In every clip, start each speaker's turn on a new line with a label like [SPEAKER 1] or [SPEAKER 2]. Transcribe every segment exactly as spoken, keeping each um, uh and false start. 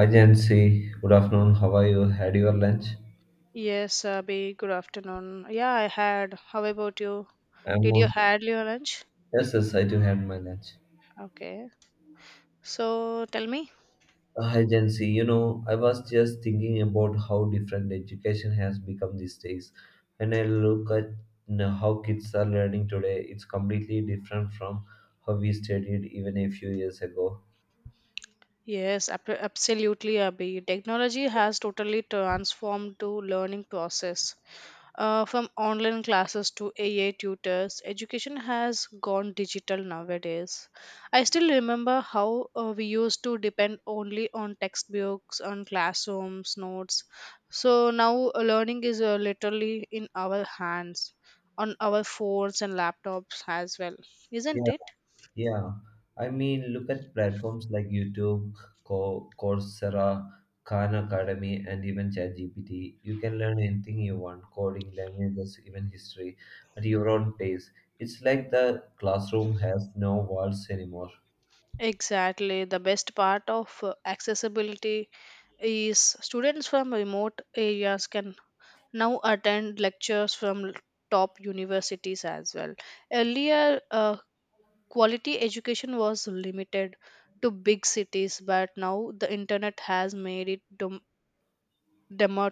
[SPEAKER 1] Hi Jancy, good afternoon. How are you? Had your lunch?
[SPEAKER 2] Yes, Abhi, good afternoon. Yeah, I had. How about you?
[SPEAKER 1] I'm
[SPEAKER 2] Did
[SPEAKER 1] all...
[SPEAKER 2] you had your lunch?
[SPEAKER 1] yes, yes, I do had my lunch.
[SPEAKER 2] Okay. So tell me.
[SPEAKER 1] Uh, hi Jancy, you know, I was just thinking about how different education has become these days. When I look at you know, how kids are learning today, it's completely different from how we studied even a few years ago.
[SPEAKER 2] Yes, ab- absolutely, Abhi. Technology has totally transformed to learning process. Uh, from online classes to A I tutors, education has gone digital nowadays. I still remember how uh, we used to depend only on textbooks, on classrooms, notes. So now uh, learning is uh, literally in our hands, on our phones and laptops as well, isn't it?
[SPEAKER 1] Yeah, I mean, look at platforms like YouTube, Co- Coursera, Khan Academy, and even ChatGPT. You can learn anything you want, coding, languages, even history, at your own pace. It's like the classroom has no walls anymore.
[SPEAKER 2] Exactly. The best part of uh, accessibility is students from remote areas can now attend lectures from top universities as well. Earlier, uh, quality education was limited to big cities, but now the internet has made it dem- demo-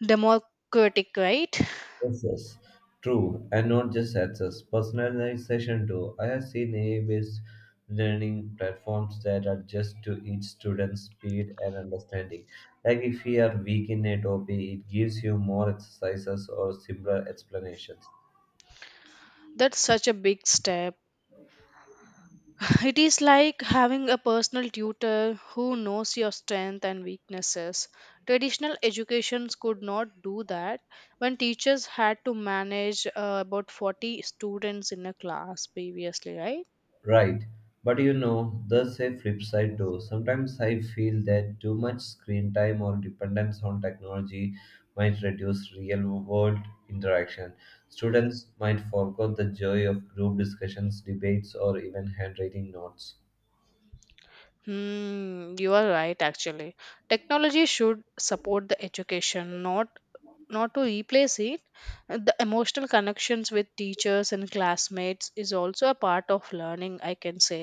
[SPEAKER 2] democratic, right?
[SPEAKER 1] Yes, yes. True, and not just access. Personalization too. I have seen A I-based learning platforms that adjust to each student's speed and understanding. Like if you are weak in a topic, it gives you more exercises or simpler explanations.
[SPEAKER 2] That's such a big step. It is like having a personal tutor who knows your strengths and weaknesses. Traditional educations could not do that when teachers had to manage uh, about forty students in a class previously, right?
[SPEAKER 1] Right. But you know, there's a flip side too. Sometimes I feel that too much screen time or dependence on technology might reduce real world interaction. Students might forget the joy of group discussions, debates, or even handwriting notes.
[SPEAKER 2] Hmm, you are right actually. Technology should support the education, not not to replace it. The emotional connections with teachers and classmates is also a part of learning, I can say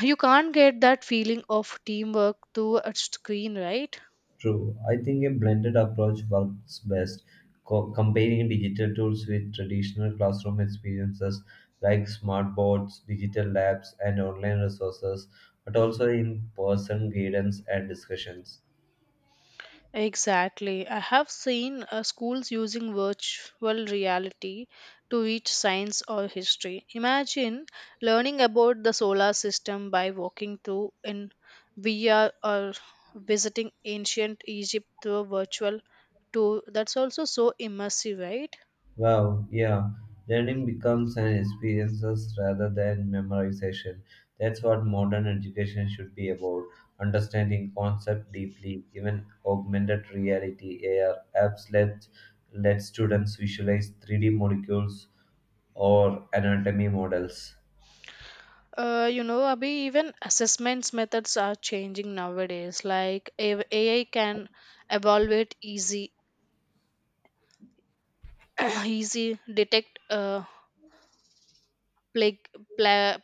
[SPEAKER 2] you can't get that feeling of teamwork through a screen, right?
[SPEAKER 1] True. I think a blended approach works best, co- combining digital tools with traditional classroom experiences like smartboards, digital labs, and online resources, but also in person guidance and discussions.
[SPEAKER 2] Exactly. I have seen uh, schools using virtual reality to teach science or history. Imagine learning about the solar system by walking through in V R or visiting ancient Egypt through a virtual tour. That's also so immersive, right?
[SPEAKER 1] Wow, yeah. Learning becomes an experiences rather than memorization. That's what modern education should be about. Understanding concept deeply, even augmented reality A R apps let let students visualize three D molecules or anatomy models.
[SPEAKER 2] Uh, you know, Abhi, even assessments methods are changing nowadays. Like A- AI can evaluate easy, easy detect uh, plague, pla-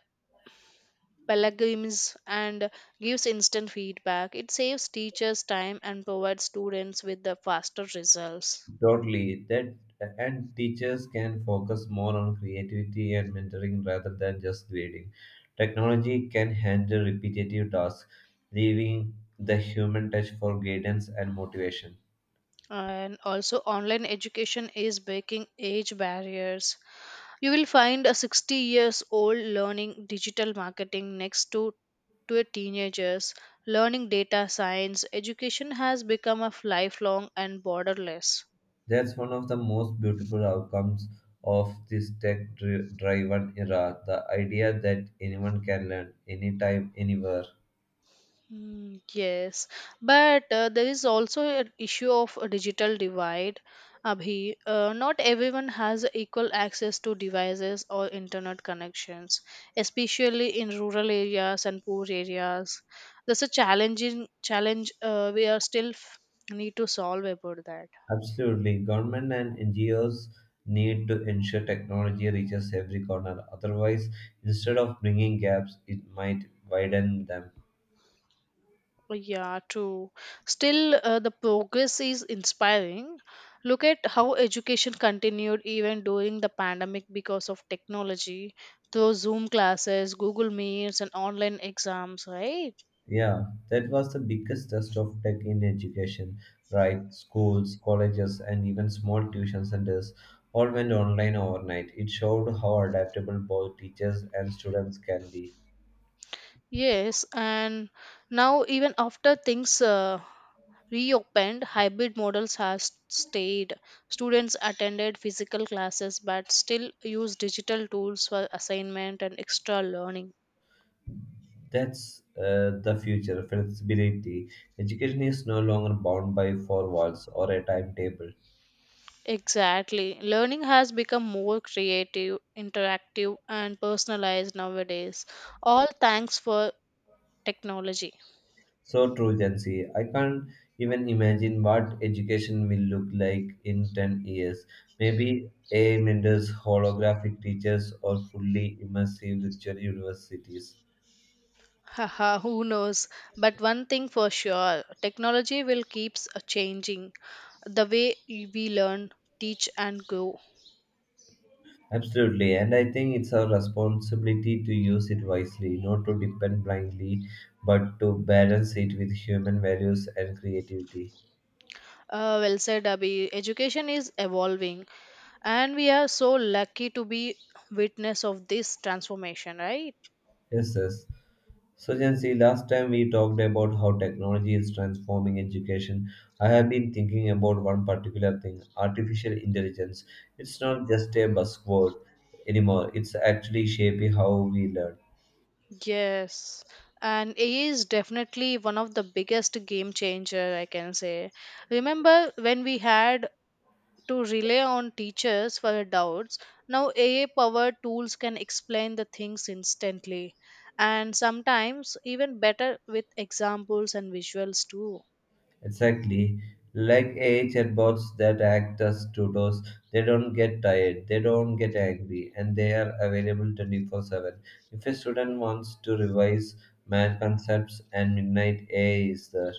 [SPEAKER 2] plagiarisms and gives instant feedback. It saves teachers time and provides students with the faster results.
[SPEAKER 1] Totally. That and teachers can focus more on creativity and mentoring rather than just grading. Technology can handle repetitive tasks, leaving the human touch for guidance and motivation.
[SPEAKER 2] And also online education is breaking age barriers. You will find a sixty years old learning digital marketing next to to a teenagers learning data science. Education has become a lifelong and borderless.
[SPEAKER 1] That's one of the most beautiful outcomes of this tech-driven era, the idea that anyone can learn anytime, anywhere.
[SPEAKER 2] Mm, yes, but uh, there is also an issue of a digital divide. Abhi, uh, not everyone has equal access to devices or internet connections, especially in rural areas and poor areas. That's a challenging challenge uh, we are still f- need to solve about that.
[SPEAKER 1] Absolutely. Government and N G Os need to ensure technology reaches every corner. Otherwise, instead of bringing gaps, it might widen them.
[SPEAKER 2] Yeah, true. Still, uh, the progress is inspiring. Look at how education continued even during the pandemic because of technology, through Zoom classes, Google Meets, and online exams, right?
[SPEAKER 1] Yeah, that was the biggest test of tech in education, right? Schools, colleges, and even small tuition centers all went online overnight. It showed how adaptable both teachers and students can be.
[SPEAKER 2] Yes, and now even after things uh, reopened, hybrid models has stayed. Students attended physical classes but still use digital tools for assignment and extra learning.
[SPEAKER 1] That's uh, the future flexibility. Education is no longer bound by four walls or a timetable.
[SPEAKER 2] Exactly. Learning has become more creative, interactive, and personalized nowadays. All thanks for technology.
[SPEAKER 1] So true, Jansi. I can't even imagine what education will look like in ten years. Maybe A I mentors, holographic teachers, or fully immersive virtual universities.
[SPEAKER 2] Haha, who knows? But one thing for sure, technology will keep changing the way we learn, teach, and grow.
[SPEAKER 1] Absolutely, and I think it's our responsibility to use it wisely, not to depend blindly, but to balance it with human values and creativity.
[SPEAKER 2] Uh, well said, Abhi. Education is evolving, and we are so lucky to be witness of this transformation, right?
[SPEAKER 1] Yes, yes. So, Jancy, last time we talked about how technology is transforming education. I have been thinking about one particular thing artificial intelligence. It's not just a buzzword anymore, it's actually shaping how we learn.
[SPEAKER 2] Yes, and A I is definitely one of the biggest game changer, I can say. Remember when we had to rely on teachers for our doubts? Now A I powered tools can explain the things instantly and sometimes even better with examples and visuals too.
[SPEAKER 1] Exactly. Like A I chatbots that act as tutors, they don't get tired, they don't get angry, and they are available twenty four seven. If a student wants to revise math concepts and midnight, A I is there.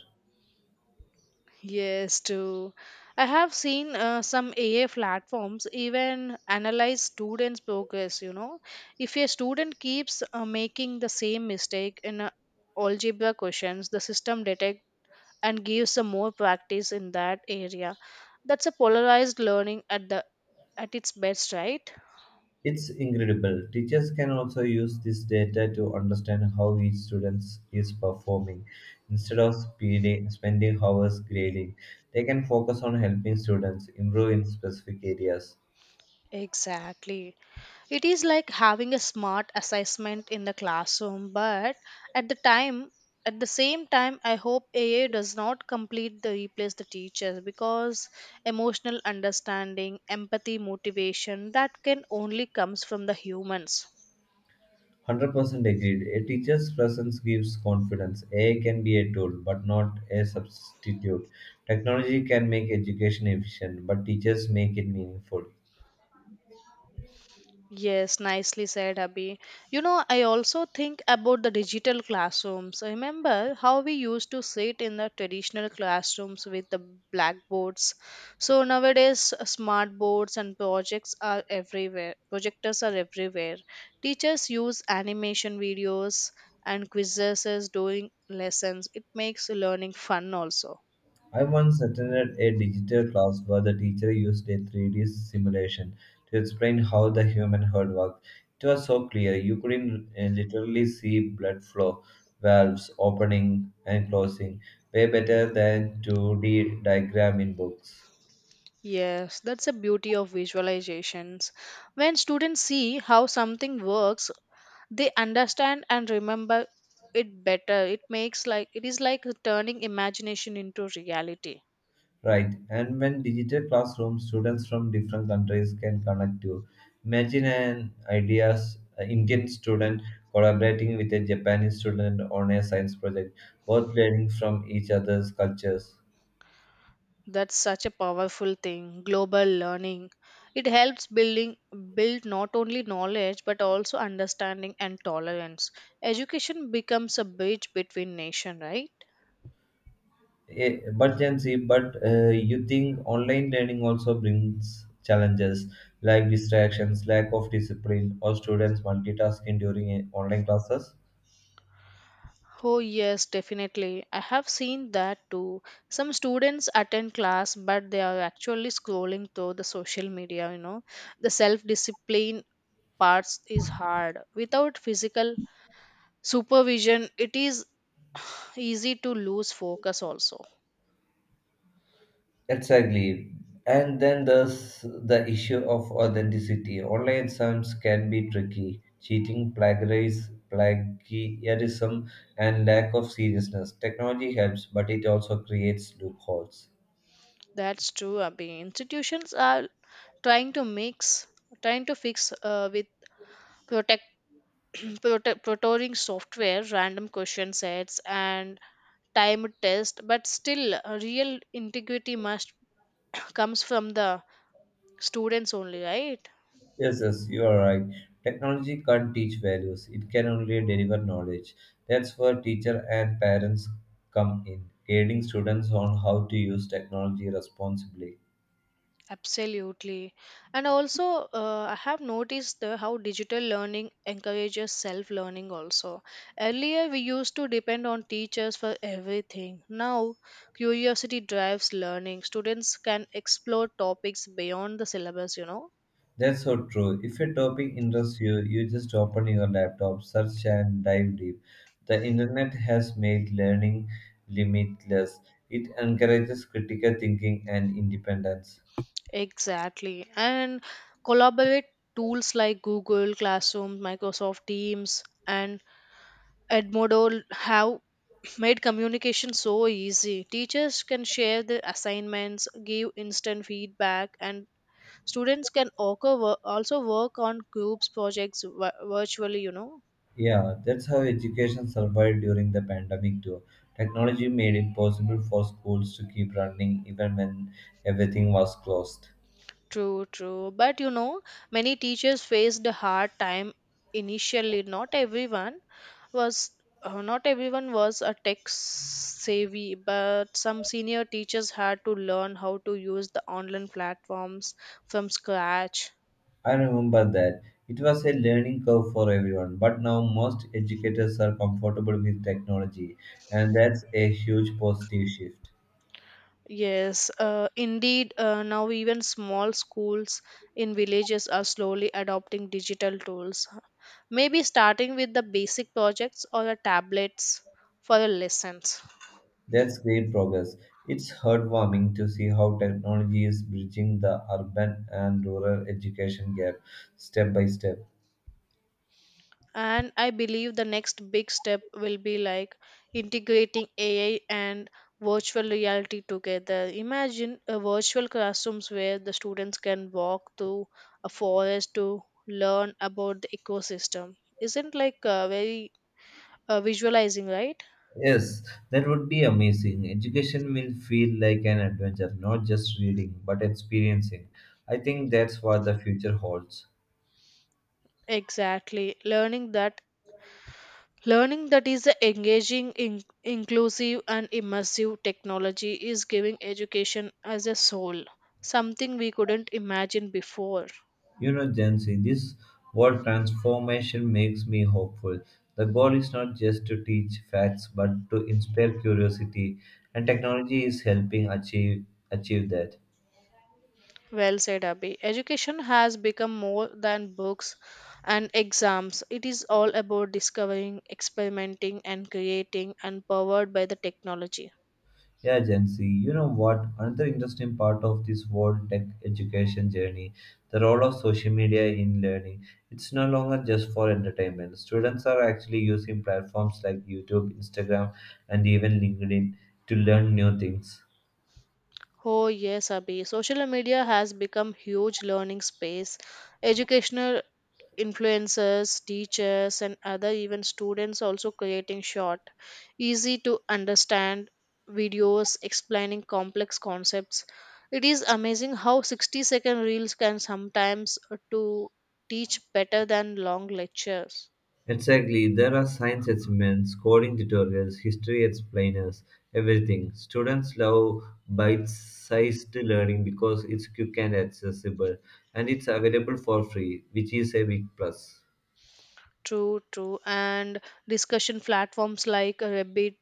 [SPEAKER 2] Yes, too. I have seen uh, some A I platforms even analyze students' progress. You know, if a student keeps uh, making the same mistake in uh, algebra questions, the system detects and gives some more practice in that area. That's a polarized learning at the at its best, right?
[SPEAKER 1] It's incredible. Teachers can also use this data to understand how each student is performing. Instead of speeding, spending hours grading, they can focus on helping students improve in specific areas.
[SPEAKER 2] Exactly. It is like having a smart assessment in the classroom, but at the time at the same time I hope A I does not completely replace the teachers because emotional understanding, empathy, motivation that can only comes from the humans.
[SPEAKER 1] one hundred percent agreed. A teacher's presence gives confidence. A I can be a tool, but not a substitute. Technology can make education efficient, but teachers make it meaningful.
[SPEAKER 2] Yes, nicely said, Abhi. You know, I also think about the digital classrooms. Remember how we used to sit in the traditional classrooms with the blackboards. So nowadays, uh, smart boards and projects are everywhere. Projectors are everywhere. Teachers use animation videos and quizzes during lessons. It makes learning fun also.
[SPEAKER 1] I once attended a digital class where the teacher used a three D simulation to explain how the human heart worked. It was so clear, you couldn't uh, literally see blood flow, valves opening and closing, way better than two D diagram in books.
[SPEAKER 2] Yes, that's the beauty of visualizations. When students see how something works, they understand and remember it better. It makes like it is like turning imagination into reality.
[SPEAKER 1] Right, and when digital classroom, students from different countries can connect to. Imagine an ideas an Indian student collaborating with a Japanese student on a science project, both learning from each other's cultures.
[SPEAKER 2] That's such a powerful thing, global learning. It helps building build not only knowledge but also understanding and tolerance. Education becomes a bridge between nation, right?
[SPEAKER 1] Eh, But Gen Z, but uh, you think online learning also brings challenges like distractions, lack of discipline, or students multitasking during eh, online classes?
[SPEAKER 2] Oh, yes, definitely. I have seen that too. Some students attend class, but they are actually scrolling through the social media, you know. The self discipline parts is hard. Without physical supervision, it is easy to lose focus also.
[SPEAKER 1] Exactly. And then there's the issue of authenticity. Online exams can be tricky. Cheating, plagiarism, plagiarism, and lack of seriousness. Technology helps, but it also creates loopholes.
[SPEAKER 2] That's true, Abhi. Institutions are trying to mix, trying to fix uh, with protect, prote- prototyping software, random question sets, and timed test, but still, uh, real integrity must comes from the students only, right?
[SPEAKER 1] Yes, yes, you are right. Technology can't teach values. It can only deliver knowledge. That's where teacher and parents come in, guiding students on how to use technology responsibly.
[SPEAKER 2] Absolutely. And also, uh, I have noticed the, how digital learning encourages self learning also. Earlier, we used to depend on teachers for everything. Now, curiosity drives learning. Students can explore topics beyond the syllabus, you know.
[SPEAKER 1] That's so true. If a topic interests you, you just open your laptop, search and dive deep. The internet has made learning limitless. It encourages critical thinking and independence.
[SPEAKER 2] Exactly. And collaborate tools like Google Classroom, Microsoft Teams, and Edmodo have made communication so easy. Teachers can share their assignments, give instant feedback, and students can also work, also work on groups projects vi- virtually, you know.
[SPEAKER 1] Yeah, that's how education survived during the pandemic too. Technology made it possible for schools to keep running even when everything was closed.
[SPEAKER 2] True, true. But you know, many teachers faced a hard time initially. Not everyone was uh, not everyone was a tech savvy, but some senior teachers had to learn how to use the online platforms from scratch.
[SPEAKER 1] I remember that. It was a learning curve for everyone, but now most educators are comfortable with technology, and that's a huge positive shift.
[SPEAKER 2] Yes, uh, indeed, uh, now even small schools in villages are slowly adopting digital tools. Maybe starting with the basic projects or the tablets for the lessons.
[SPEAKER 1] That's great progress. It's heartwarming to see how technology is bridging the urban and rural education gap step by step.
[SPEAKER 2] And I believe the next big step will be like integrating A I and virtual reality together. Imagine a virtual classrooms where the students can walk through a forest to learn about the ecosystem. Isn't like uh, very uh, visualizing, right?
[SPEAKER 1] Yes, that would be amazing. Education will feel like an adventure, not just reading, but experiencing. I think that's what the future holds.
[SPEAKER 2] Exactly, learning that learning that is a engaging in- inclusive and immersive. Technology is giving education as a soul, something we couldn't imagine before.
[SPEAKER 1] You know, Gen Z, this world transformation makes me hopeful. The goal is not just to teach facts, but to inspire curiosity, and technology is helping achieve achieve that.
[SPEAKER 2] Well said, Abhi. Education has become more than books and exams. It is all about discovering, experimenting, and creating, and powered by the technology.
[SPEAKER 1] Yeah, Gen Z, you know what? Another interesting part of this world tech education journey, the role of social media in learning. It's no longer just for entertainment. Students are actually using platforms like YouTube, Instagram, and even LinkedIn to learn new things.
[SPEAKER 2] Oh yes, Abhi, social media has become huge learning space. Educational influencers, teachers, and other even students also creating short, easy to understand videos explaining complex concepts. It is amazing how sixty second reels can sometimes uh, to teach better than long lectures.
[SPEAKER 1] Exactly, there are science experiments, coding tutorials, history explainers, everything. Students love bite sized learning because it's quick and accessible, and it's available for free, which is a big plus.
[SPEAKER 2] True, true. And discussion platforms like Reddit,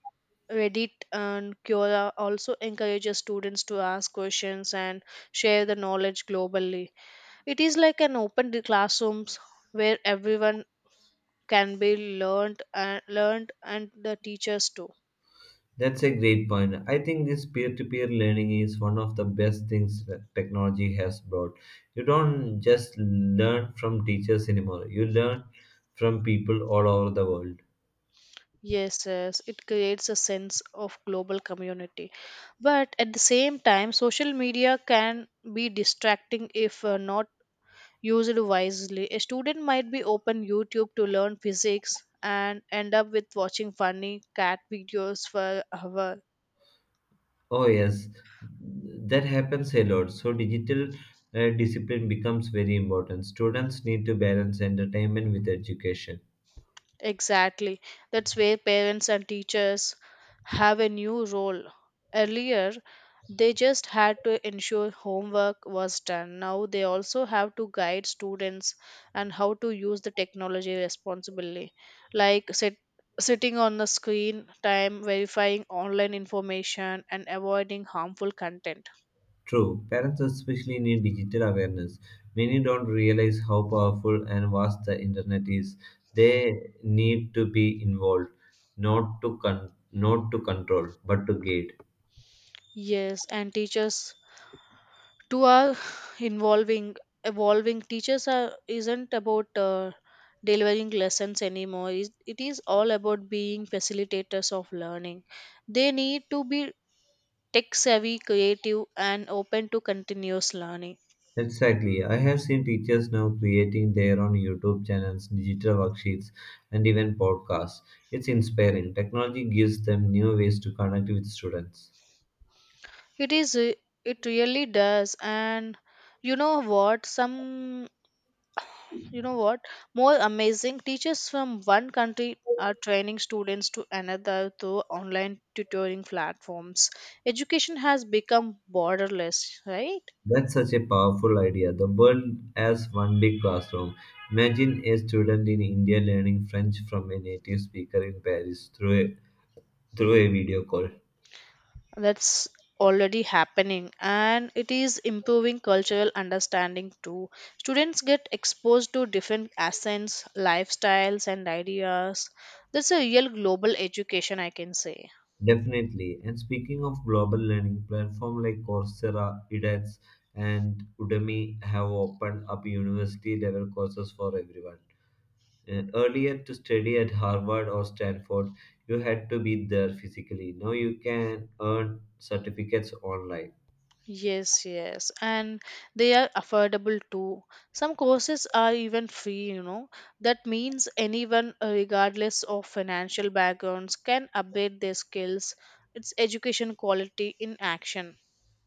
[SPEAKER 2] Reddit and Quora also encourages students to ask questions and share the knowledge globally. It is like an open d- classrooms where everyone can be learned and learned and the teachers too.
[SPEAKER 1] That's a great point. I think this peer to peer learning is one of the best things that technology has brought. You don't just learn from teachers anymore, you learn from people all over the world.
[SPEAKER 2] Yes, yes, it creates a sense of global community. But at the same time, social media can be distracting if uh, not used wisely. A student might be open YouTube to learn physics and end up with watching funny cat videos for hours.
[SPEAKER 1] Oh yes, that happens a lot. So digital uh, discipline becomes very important. Students need to balance entertainment with education.
[SPEAKER 2] Exactly. That's where parents and teachers have a new role. Earlier, they just had to ensure homework was done. Now they also have to guide students and how to use the technology responsibly, like sit, sitting on the screen time, verifying online information, and avoiding harmful content.
[SPEAKER 1] True, parents especially need digital awareness. Many don't realize how powerful and vast the internet is. They need to be involved, not to con- not to control, but to guide.
[SPEAKER 2] Yes, and teachers to our involving evolving. Teachers are isn't about uh, delivering lessons anymore. it it is all about being facilitators of learning. They need to be tech savvy, creative, and open to continuous learning.
[SPEAKER 1] Exactly. I have seen teachers now creating their own YouTube channels, digital worksheets, and even podcasts. It's inspiring. Technology gives them new ways to connect with students.
[SPEAKER 2] It is uh, it really does. And you know what? some You know what? More amazing, teachers from one country are training students to another through online tutoring platforms. Education has become borderless, right?
[SPEAKER 1] That's such a powerful idea. The world as one big classroom. Imagine a student in India learning French from a native speaker in Paris through a, through a video call.
[SPEAKER 2] That's already happening and it is improving cultural understanding too. Students get exposed to different accents, lifestyles, and ideas. That's a real global education, I can say.
[SPEAKER 1] Definitely. And speaking of global learning, platform like Coursera, edX, and Udemy have opened up university level courses for everyone. Uh, Earlier, to study at Harvard or Stanford, you had to be there physically. Now you can earn certificates online.
[SPEAKER 2] Yes, yes, and they are affordable too. Some courses are even free, you know. That means anyone, uh, regardless of financial backgrounds, can update their skills. It's education quality in action.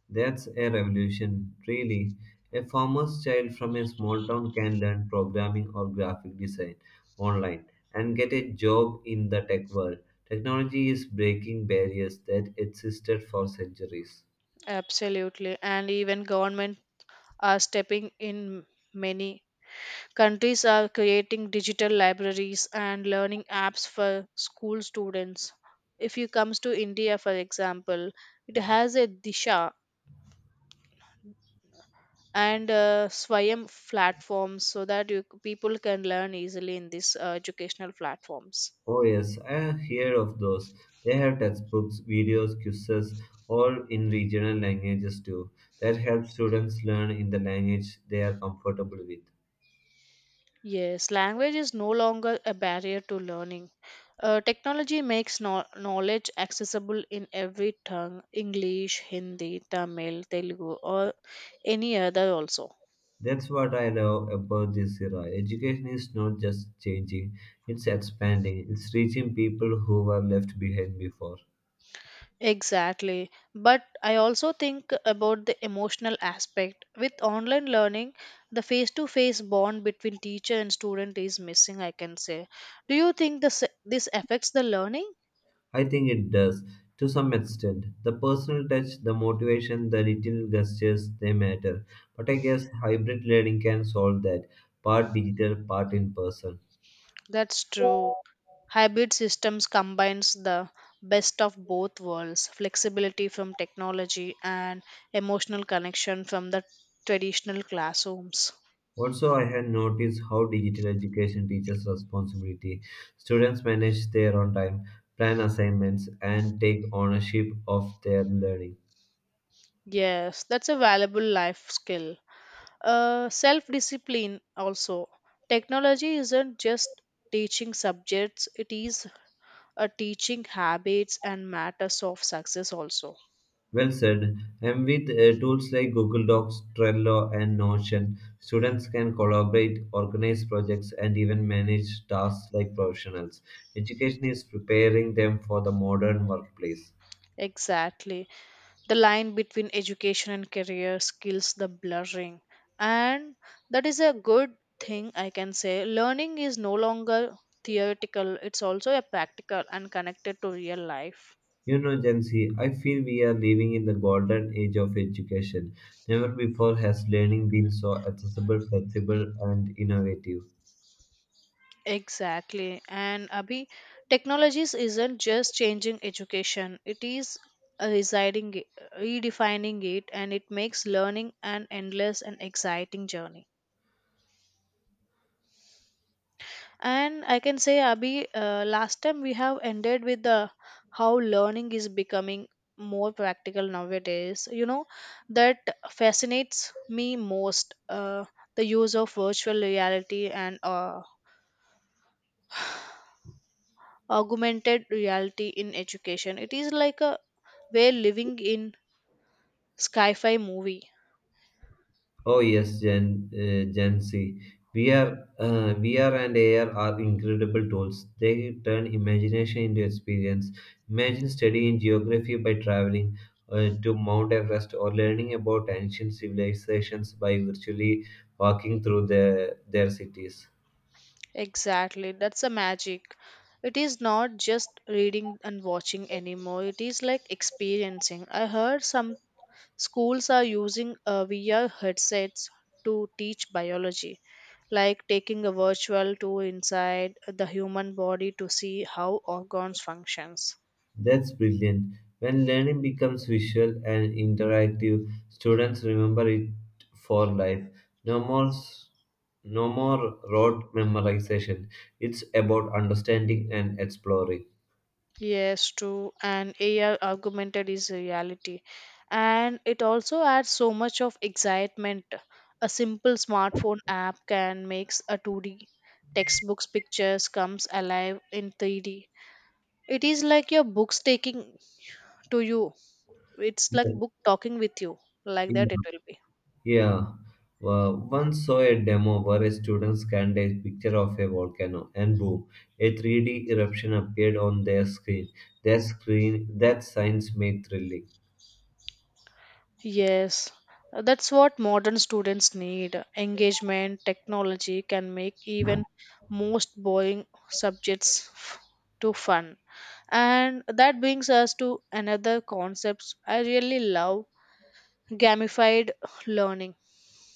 [SPEAKER 1] That's a revolution, really. A farmer's child from a small town can learn programming or graphic design online and get a job in the tech world. Technology is breaking barriers that existed for centuries.
[SPEAKER 2] Absolutely. And even government are stepping in many. Countries are creating digital libraries and learning apps for school students. If you comes to India, for example, it has a Disha and uh, Swayam platforms so that you, people can learn easily in these uh, educational platforms.
[SPEAKER 1] Oh, yes, I have heard of those. They have textbooks, videos, quizzes, all in regional languages too. That helps students learn in the language they are comfortable with.
[SPEAKER 2] Yes, language is no longer a barrier to learning. Uh, technology makes no- knowledge accessible in every tongue, English, Hindi, Tamil, Telugu, or any other also.
[SPEAKER 1] That's what I love about this era. Education is not just changing, it's expanding, it's reaching people who were left behind before.
[SPEAKER 2] Exactly. But I also think about the emotional aspect. With online learning, the face to face bond between teacher and student is missing, I can say. Do you think this, this affects the learning?
[SPEAKER 1] I think it does, to some extent. The personal touch, the motivation, the little gestures, they matter. But I guess hybrid learning can solve that part digital, part in person.
[SPEAKER 2] That's true. Hybrid systems combines the best of both worlds, flexibility from technology and emotional connection from the traditional classrooms.
[SPEAKER 1] Also, I have noticed how digital education teaches responsibility. Students manage their own time, plan assignments, and take ownership of their learning.
[SPEAKER 2] Yes, that's a valuable life skill. Uh, self discipline also, technology isn't just teaching subjects, it is a teaching habits and matters of success also.
[SPEAKER 1] Well said. And with uh, tools like Google Docs, Trello, and Notion, students can collaborate, organize projects, and even manage tasks like professionals. Education is preparing them for the modern workplace.
[SPEAKER 2] Exactly, the line between education and career skills the blurring, and that is a good thing, I can say. Learning is no longer theoretical, it's also a practical and connected to real life.
[SPEAKER 1] You know, Gen Z, I feel we are living in the golden age of education. Never before has learning been so accessible, flexible, and innovative.
[SPEAKER 2] Exactly. And Abhi, technologies isn't just changing education, it is uh, residing, redefining it, and it makes learning an endless and exciting journey. And I can say, Abhi, uh, last time we have ended with the how learning is becoming more practical nowadays. You know, that fascinates me most, uh, the use of virtual reality and uh, augmented reality in education. It is like a we're living in sci-fi movie.
[SPEAKER 1] Oh yes, Gen uh, Gen Z. V R, uh, V R and A R are incredible tools. They turn imagination into experience. Imagine studying geography by traveling uh, to Mount Everest or learning about ancient civilizations by virtually walking through their, their cities.
[SPEAKER 2] Exactly, that's the magic. It is not just reading and watching anymore. It is like experiencing. I heard some schools are using uh, V R headsets to teach biology, like taking a virtual tour inside the human body to see how organs functions.
[SPEAKER 1] That's brilliant. When learning becomes visual and interactive, students remember it for life. No more s- no more rote memorization. It's about understanding and exploring.
[SPEAKER 2] Yes, true. And A I augmented is a reality. And it also adds so much of excitement. A simple smartphone app can make a two D textbooks pictures comes alive in three D. It is like your books taking to you. It's like
[SPEAKER 1] Yeah.
[SPEAKER 2] book talking with you. Like
[SPEAKER 1] Yeah.
[SPEAKER 2] that it will be.
[SPEAKER 1] Yeah. Well, once saw a demo where a student scanned a picture of a volcano and boom, a three D eruption appeared on their screen. That screen that science made thrilling.
[SPEAKER 2] Yes. Uh, That's what modern students need. Engagement, technology can make even most boring subjects f- to fun. And that brings us to another concept I really love, gamified learning.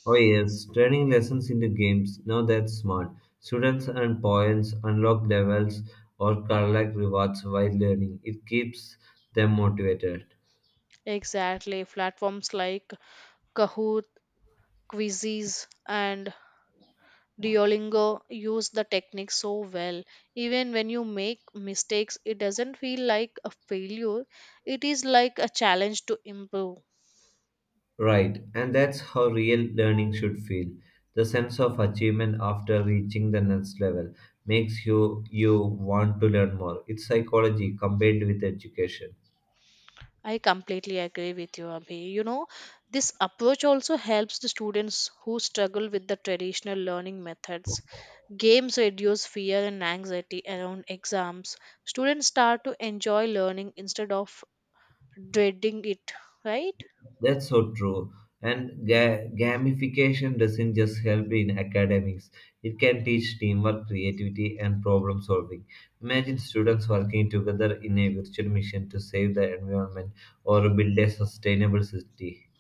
[SPEAKER 1] Oh yes, turning lessons into games. Now that's smart. Students earn points unlock levels or collect rewards while learning. It keeps them motivated.
[SPEAKER 2] Exactly. Platforms like Kahoot, Quizzes, and Duolingo use the technique so well. Even when you make mistakes, it doesn't feel like a failure, it is like a challenge to improve.
[SPEAKER 1] Right, and that's how real learning should feel. The sense of achievement after reaching the next level makes you you want to learn more. It's psychology combined with education.
[SPEAKER 2] I completely agree with you, Abhi. You know, this approach also helps the students who struggle with the traditional learning methods. Games reduce fear and anxiety around exams. Students start to enjoy learning instead of dreading it, right?
[SPEAKER 1] That's so true. And ga- gamification doesn't just help in academics, it can teach teamwork, creativity, and problem solving. Imagine students working together in a virtual mission to save the environment or build a sustainable city.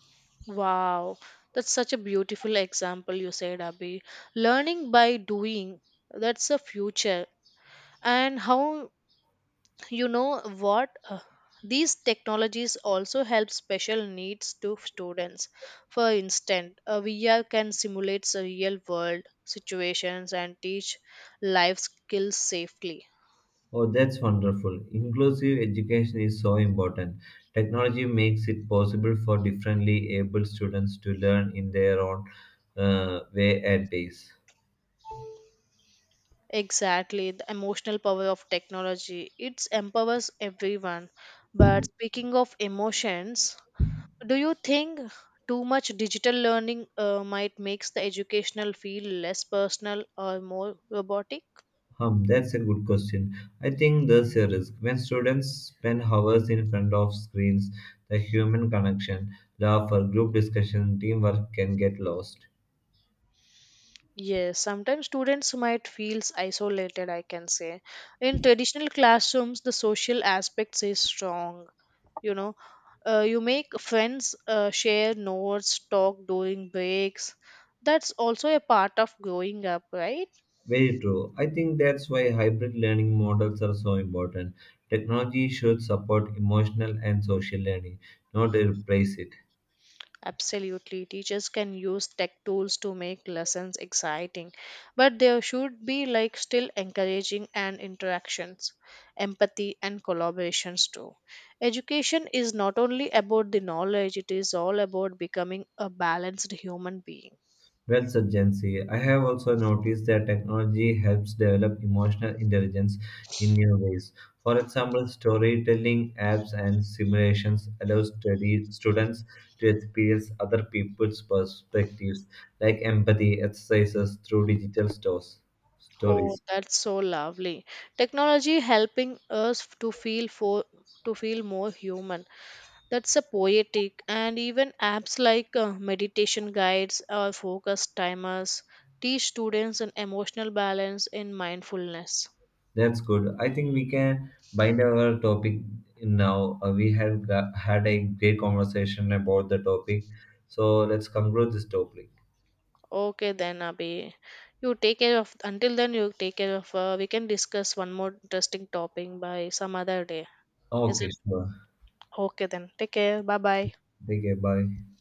[SPEAKER 2] Wow, that's such a beautiful example you said, Abhi. Learning by doing, that's the future. And how you know what? Uh, these technologies also help special needs to students. For instance, a V R can simulate real world situations and teach life skills safely.
[SPEAKER 1] Oh, that's wonderful. Inclusive education is so important. Technology makes it possible for differently able students to learn in their own uh, way and pace.
[SPEAKER 2] Exactly, the emotional power of technology. It empowers everyone. But speaking of emotions, do you think too much digital learning uh, might makes the educational feel less personal or more robotic?
[SPEAKER 1] Hmm, that's a good question. I think there's a risk. When students spend hours in front of screens, the human connection, love for group discussion, teamwork can get lost.
[SPEAKER 2] Yes, sometimes students might feel isolated, I can say. In traditional classrooms, the social aspects is strong. You know, uh, you make friends, uh, share notes, talk during breaks. That's also a part of growing up, right?
[SPEAKER 1] Very true. I think that's why hybrid learning models are so important. Technology should support emotional and social learning, not replace it.
[SPEAKER 2] Absolutely, teachers can use tech tools to make lessons exciting, but there should be like still encouraging and interactions, empathy, and collaborations too. Education is not only about the knowledge, it is all about becoming a balanced human being.
[SPEAKER 1] Well said, Jansi. I have also noticed that technology helps develop emotional intelligence in new ways. For example, storytelling apps and simulations allow study students to experience other people's perspectives, like empathy exercises through digital stores,
[SPEAKER 2] Oh,
[SPEAKER 1] stories.
[SPEAKER 2] that's so lovely. Technology helping us to feel for to feel more human. That's a poetic, and even apps like uh, meditation guides or focus timers teach students an emotional balance in mindfulness.
[SPEAKER 1] That's good. I think we can bind our topic now. Uh, we have got, had a great conversation about the topic, so let's conclude this topic.
[SPEAKER 2] Okay then, Abhi. You take care of until then you take care of uh, we can discuss one more interesting topic by some other day. Is
[SPEAKER 1] Okay,
[SPEAKER 2] it
[SPEAKER 1] sure.
[SPEAKER 2] okay then? Take care. Bye bye.
[SPEAKER 1] Take care. Bye.